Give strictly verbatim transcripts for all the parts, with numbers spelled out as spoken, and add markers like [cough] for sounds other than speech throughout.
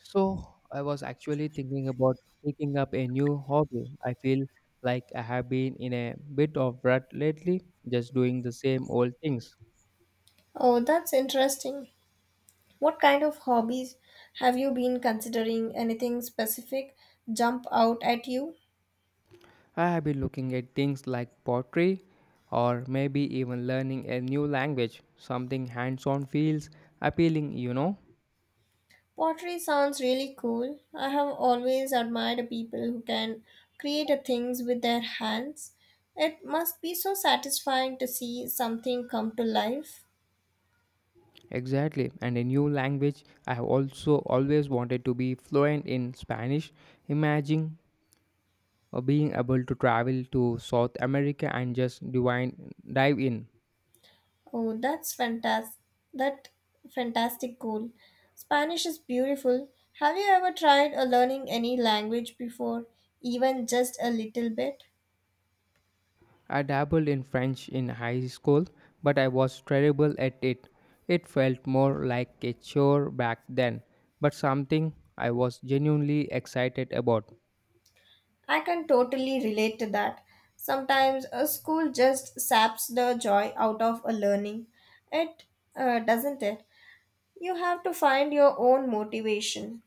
So, I was actually thinking about picking up a new hobby. I feel like I have been in a bit of rut lately, just doing the same old things. Oh, that's interesting. What kind of hobbies have you been considering? Anything specific jump out at you? I have been looking at things like pottery or maybe even learning a new language. Something hands on feels appealing, you know? Pottery sounds really cool. I have always admired people who can create a things with their hands. It must be so satisfying to see something come to life. Exactly. And a new language, I have also always wanted to be fluent in Spanish. Imagine uh, being able to travel to South America and just divine, dive in. Oh, that's fantastic. That fantastic goal. Spanish is beautiful. Have you ever tried uh, learning any language before, even just a little bit? I dabbled in French in high school, but I was terrible at it. It felt more like a chore back then, but something I was genuinely excited about. I can totally relate to that. Sometimes a school just saps the joy out of a learning. It uh, Doesn't it? You have to find your own motivation.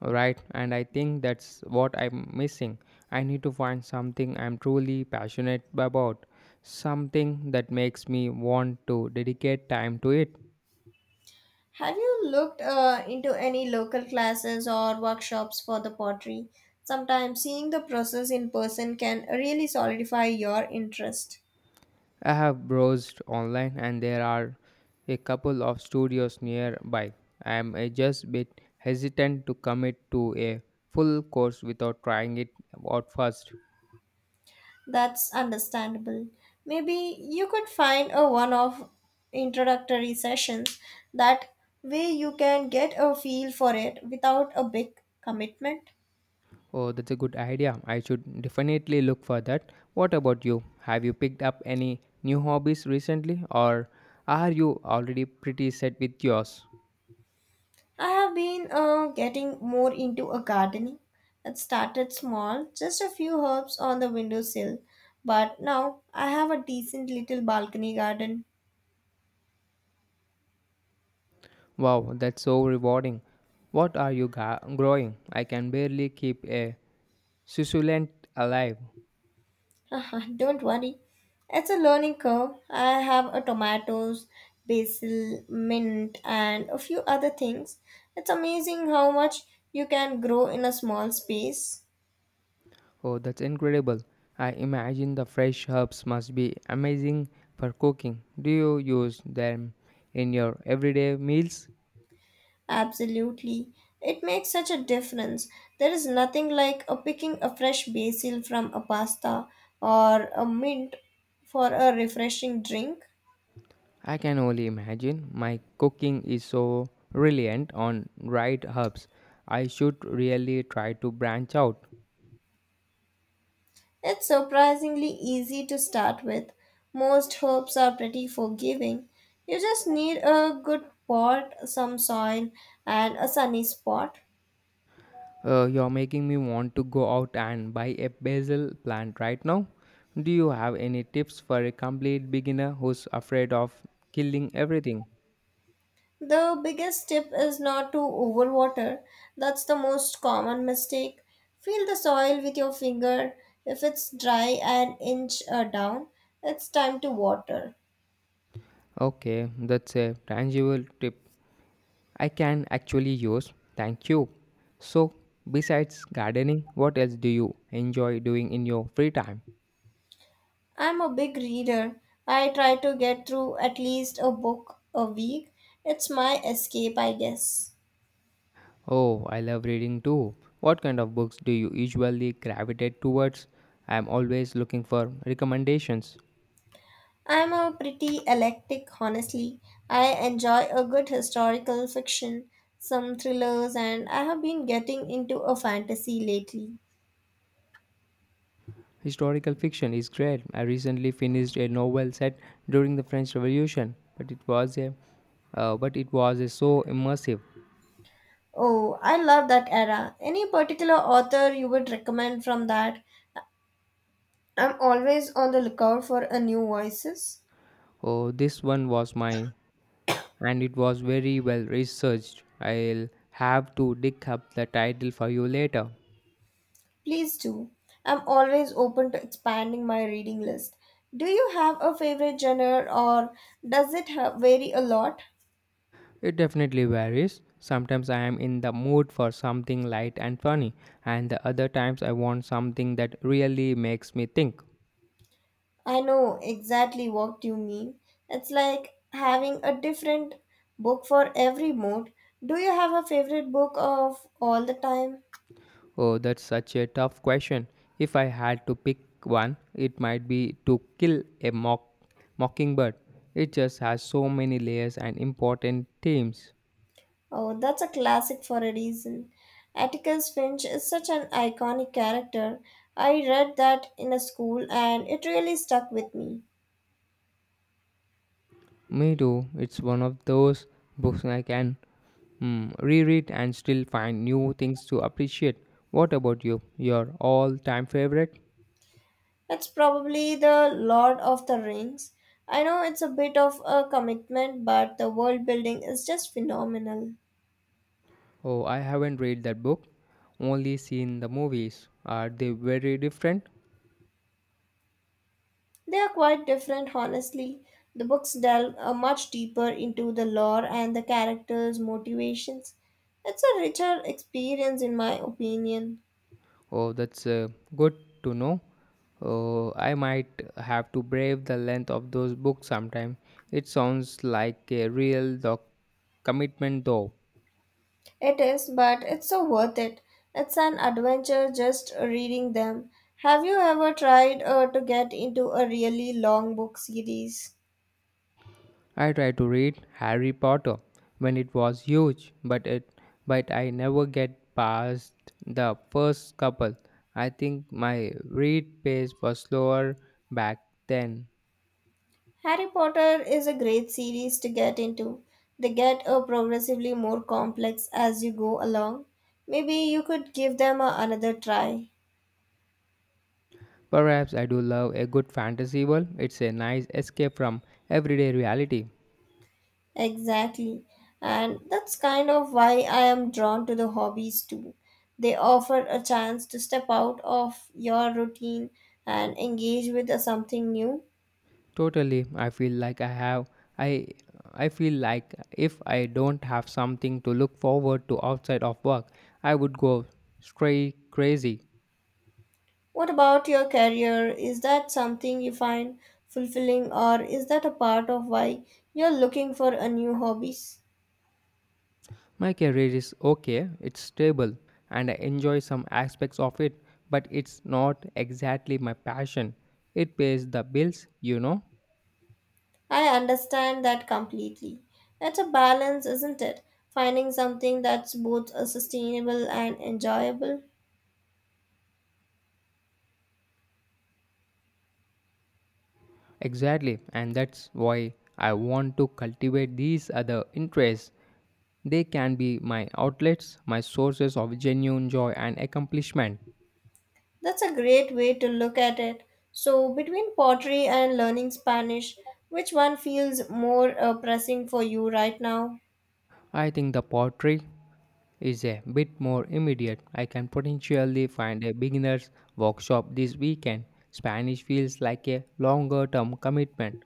Right, and I think that's what I'm missing. I need to find something I'm truly passionate about, something that makes me want to dedicate time to it. Have you looked uh, into any local classes or workshops for the pottery? Sometimes seeing the process in person can really solidify your interest. I have browsed online and there are a couple of studios nearby. I am uh, just a bit hesitant to commit to a full course without trying it out first. That's understandable. Maybe you could find a one off introductory sessions. That way you can get a feel for it without a big commitment. Oh, that's a good idea. I should definitely look for that. What about you? Have you picked up any new hobbies recently or are you already pretty set with yours? I have been uh, getting more into a gardening. It started small, just a few herbs on the windowsill, but now I have a decent little balcony garden. Wow, that's so rewarding. What are you ga- growing? I can barely keep a succulent alive. [laughs] Don't worry, it's a learning curve. I have a tomatoes, basil, mint, and a few other things. It's amazing how much you can grow in a small space. Oh, that's incredible. I imagine the fresh herbs must be amazing for cooking. Do you use them in your everyday meals? Absolutely. It makes such a difference. There is nothing like a picking a fresh basil from a pasta or a mint for a refreshing drink. I can only imagine. My cooking is so reliant on dried herbs. I should really try to branch out. It's surprisingly easy to start with. Most herbs are pretty forgiving. You just need a good pot, some soil, and a sunny spot. Uh, you're making me want to go out and buy a basil plant right now. Do you have any tips for a complete beginner who's afraid of killing everything? The biggest tip is not to overwater. That's the most common mistake. Feel the soil with your finger. If it's dry an inch uh, down, it's time to water. Okay, that's a tangible tip I can actually use. Thank you. So, besides gardening, what else do you enjoy doing in your free time? I'm a big reader. I try to get through at least a book a week. It's my escape, I guess. Oh, I love reading too. What kind of books do you usually gravitate towards? I am always looking for recommendations. I'm a pretty eclectic, honestly. I enjoy a good historical fiction, some thrillers, and I have been getting into a fantasy lately. Historical fiction is great. I recently finished a novel set during the French Revolution, but it was a uh, but it was a so immersive. Oh, I love that era. Any particular author you would recommend from that? I'm always on the lookout for a new voices. Oh, this one was my and it was very well researched. I'll have to dig up the title for you later. Please do. I'm always open to expanding my reading list. Do you have a favorite genre or does it ha- vary a lot? It definitely varies. Sometimes I am in the mood for something light and funny, and the other times I want something that really makes me think. I know exactly what you mean. It's like having a different book for every mood. Do you have a favorite book of all the time? Oh, that's such a tough question. If I had to pick one, it might be to kill a mock mockingbird. It just has so many layers and important themes. Oh, that's a classic for a reason. Atticus Finch is such an iconic character. I read that in a school and it really stuck with me. Me too. It's one of those books I can Hmm, reread and still find new things to appreciate. What about you? Your all time favorite? It's probably the Lord of the Rings. I know it's a bit of a commitment, but the world building is just phenomenal. Oh, I haven't read that book, only seen the movies. Are they very different? They are quite different, honestly. The books delve uh, much deeper into the lore and the characters' motivations. It's a richer experience, in my opinion. Oh, that's uh, good to know. Oh, I might have to brave the length of those books sometime. It sounds like a real doc- commitment, though. It is, but it's so worth it. It's an adventure just reading them. Have you ever tried uh, to get into a really long book series? I tried to read Harry Potter when it was huge, but it but I never get past the first couple. I think my read pace was slower back then. Harry Potter is a great series to get into. They get uh, progressively more complex as you go along. Maybe you could give them a, another try. Perhaps I do love a good fantasy world. It's a nice escape from everyday reality. Exactly. And that's kind of why I am drawn to the hobbies too. They offer a chance to step out of your routine and engage with a something new. Totally, I feel like I have I I feel like if I don't have something to look forward to outside of work, I would go stray crazy. What about your career? Is that something you find fulfilling or is that a part of why you're looking for a new hobbies? My career is okay, it's stable, and I enjoy some aspects of it, but it's not exactly my passion. It pays the bills, you know? I understand that completely. It's a balance, isn't it? Finding something that's both uh, sustainable and enjoyable. Exactly, and that's why I want to cultivate these other interests. They can be my outlets, my sources of genuine joy and accomplishment. That's a great way to look at it. So, between pottery and learning Spanish, which one feels more uh, pressing for you right now? I think the pottery is a bit more immediate. I can potentially find a beginner's workshop this weekend. Spanish feels like a longer term commitment.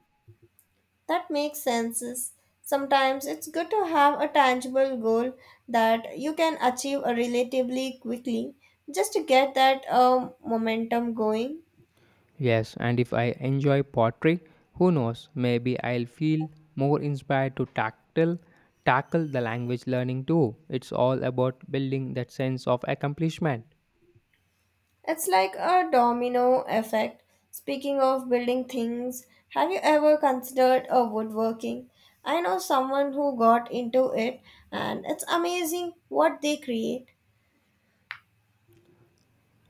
That makes sense. Sometimes it's good to have a tangible goal that you can achieve uh, relatively quickly just to get that um momentum going. Yes, and if I enjoy pottery, who knows, maybe I'll feel more inspired to tactile, tackle the language learning too. It's all about building that sense of accomplishment. It's like a domino effect. Speaking of building things, have you ever considered a woodworking? I know someone who got into it and it's amazing what they create.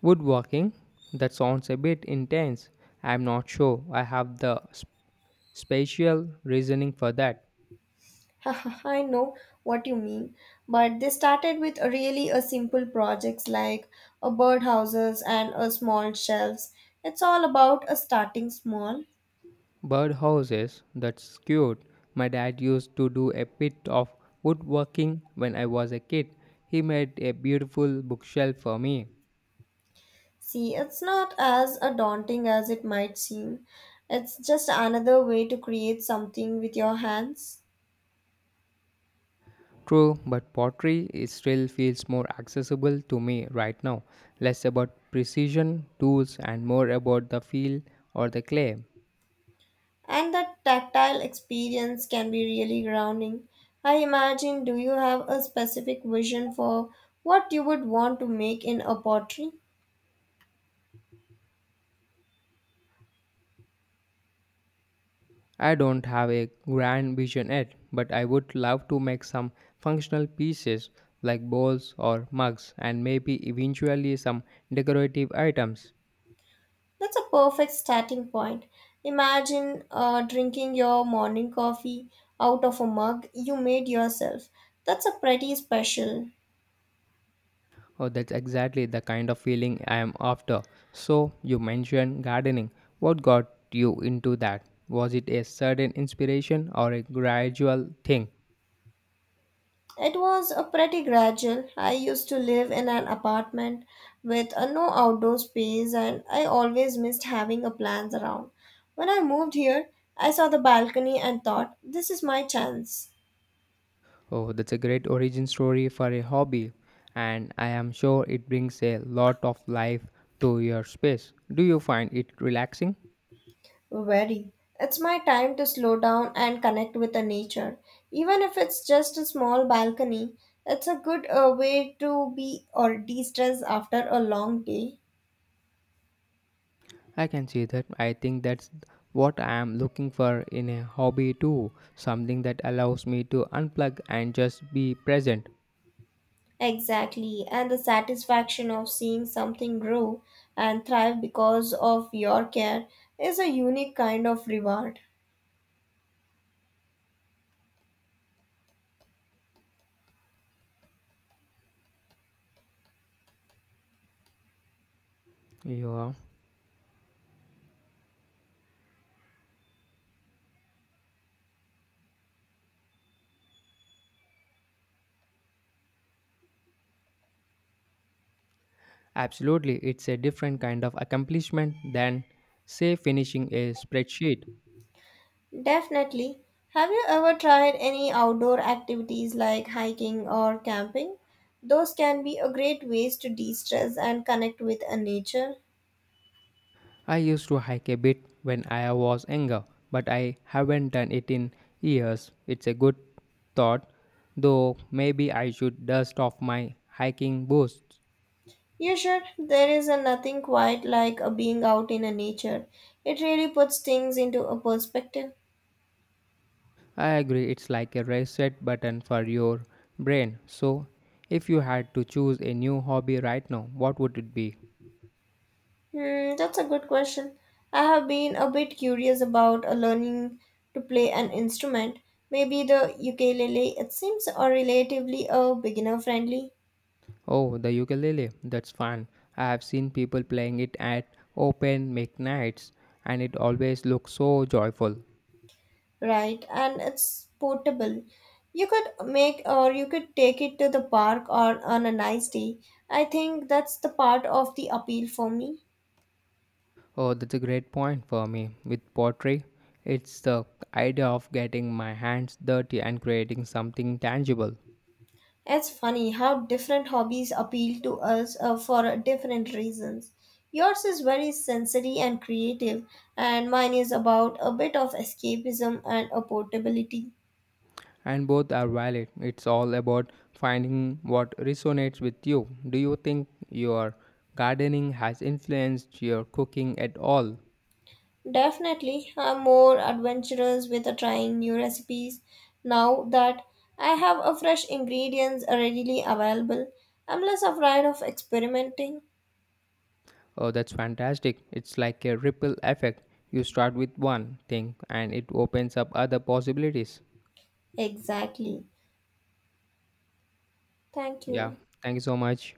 Woodworking, that sounds a bit intense. I'm not sure I have the sp- spatial reasoning for that. [laughs] I know what you mean, but they started with a really a simple projects like a birdhouses and a small shelves. It's all about a starting small. Birdhouses, that's cute. My dad used to do a bit of woodworking when I was a kid. He made a beautiful bookshelf for me. See, it's not as a daunting as it might seem. It's just another way to create something with your hands. True, but pottery it still feels more accessible to me right now. Less about precision, tools, and more about the feel or the clay. And that tactile experience can be really grounding. I imagine, do you have a specific vision for what you would want to make in a pottery? I don't have a grand vision yet, but I would love to make some functional pieces like bowls or mugs and maybe eventually some decorative items. That's a perfect starting point. Imagine uh, drinking your morning coffee out of a mug you made yourself. That's a pretty special. Oh, that's exactly the kind of feeling I am after. So, you mentioned gardening. What got you into that? Was it a sudden inspiration or a gradual thing? It was a pretty gradual. I used to live in an apartment with a no outdoor space and I always missed having a plans around. When I moved here, I saw the balcony and thought, this is my chance. Oh, that's a great origin story for a hobby, and I am sure it brings a lot of life to your space. Do you find it relaxing? Very. It's my time to slow down and connect with the nature. Even if it's just a small balcony, it's a good uh, way to be or de-stress after a long day. I can see that. I think that's what I am looking for in a hobby too, something that allows me to unplug and just be present. Exactly, and the satisfaction of seeing something grow and thrive because of your care is a unique kind of reward. Yeah. Absolutely, it's a different kind of accomplishment than, say, finishing a spreadsheet. Definitely. Have you ever tried any outdoor activities like hiking or camping? Those can be a great ways to de-stress and connect with a nature. I used to hike a bit when I was younger, but I haven't done it in years. It's a good thought, though maybe I should dust off my hiking boots. You should. There is a nothing quite like a being out in a nature. It really puts things into a perspective. I agree, it's like a reset button for your brain. So, if you had to choose a new hobby right now, what would it be? Hmm, that's a good question. I have been a bit curious about uh, learning to play an instrument. Maybe the ukulele. It seems a relatively uh, beginner friendly, Oh, the ukulele. That's fun. I have seen people playing it at open mic nights and it always looks so joyful. right? And it's portable. You could make or you could take it to the park or on a nice day. I think that's the part of the appeal for me. Oh, that's a great point for me. With pottery, it's the idea of getting my hands dirty and creating something tangible. It's funny how different hobbies appeal to us uh, for different reasons. Yours is very sensory and creative, and mine is about a bit of escapism and a portability. And both are valid. It's all about finding what resonates with you. Do you think your gardening has influenced your cooking at all? Definitely, I'm more adventurous with uh, trying new recipes now that I have a fresh ingredients readily available. I'm less afraid of experimenting. Oh, that's fantastic. It's like a ripple effect. You start with one thing and it opens up other possibilities. Exactly. Thank Yeah, you. thank you so much.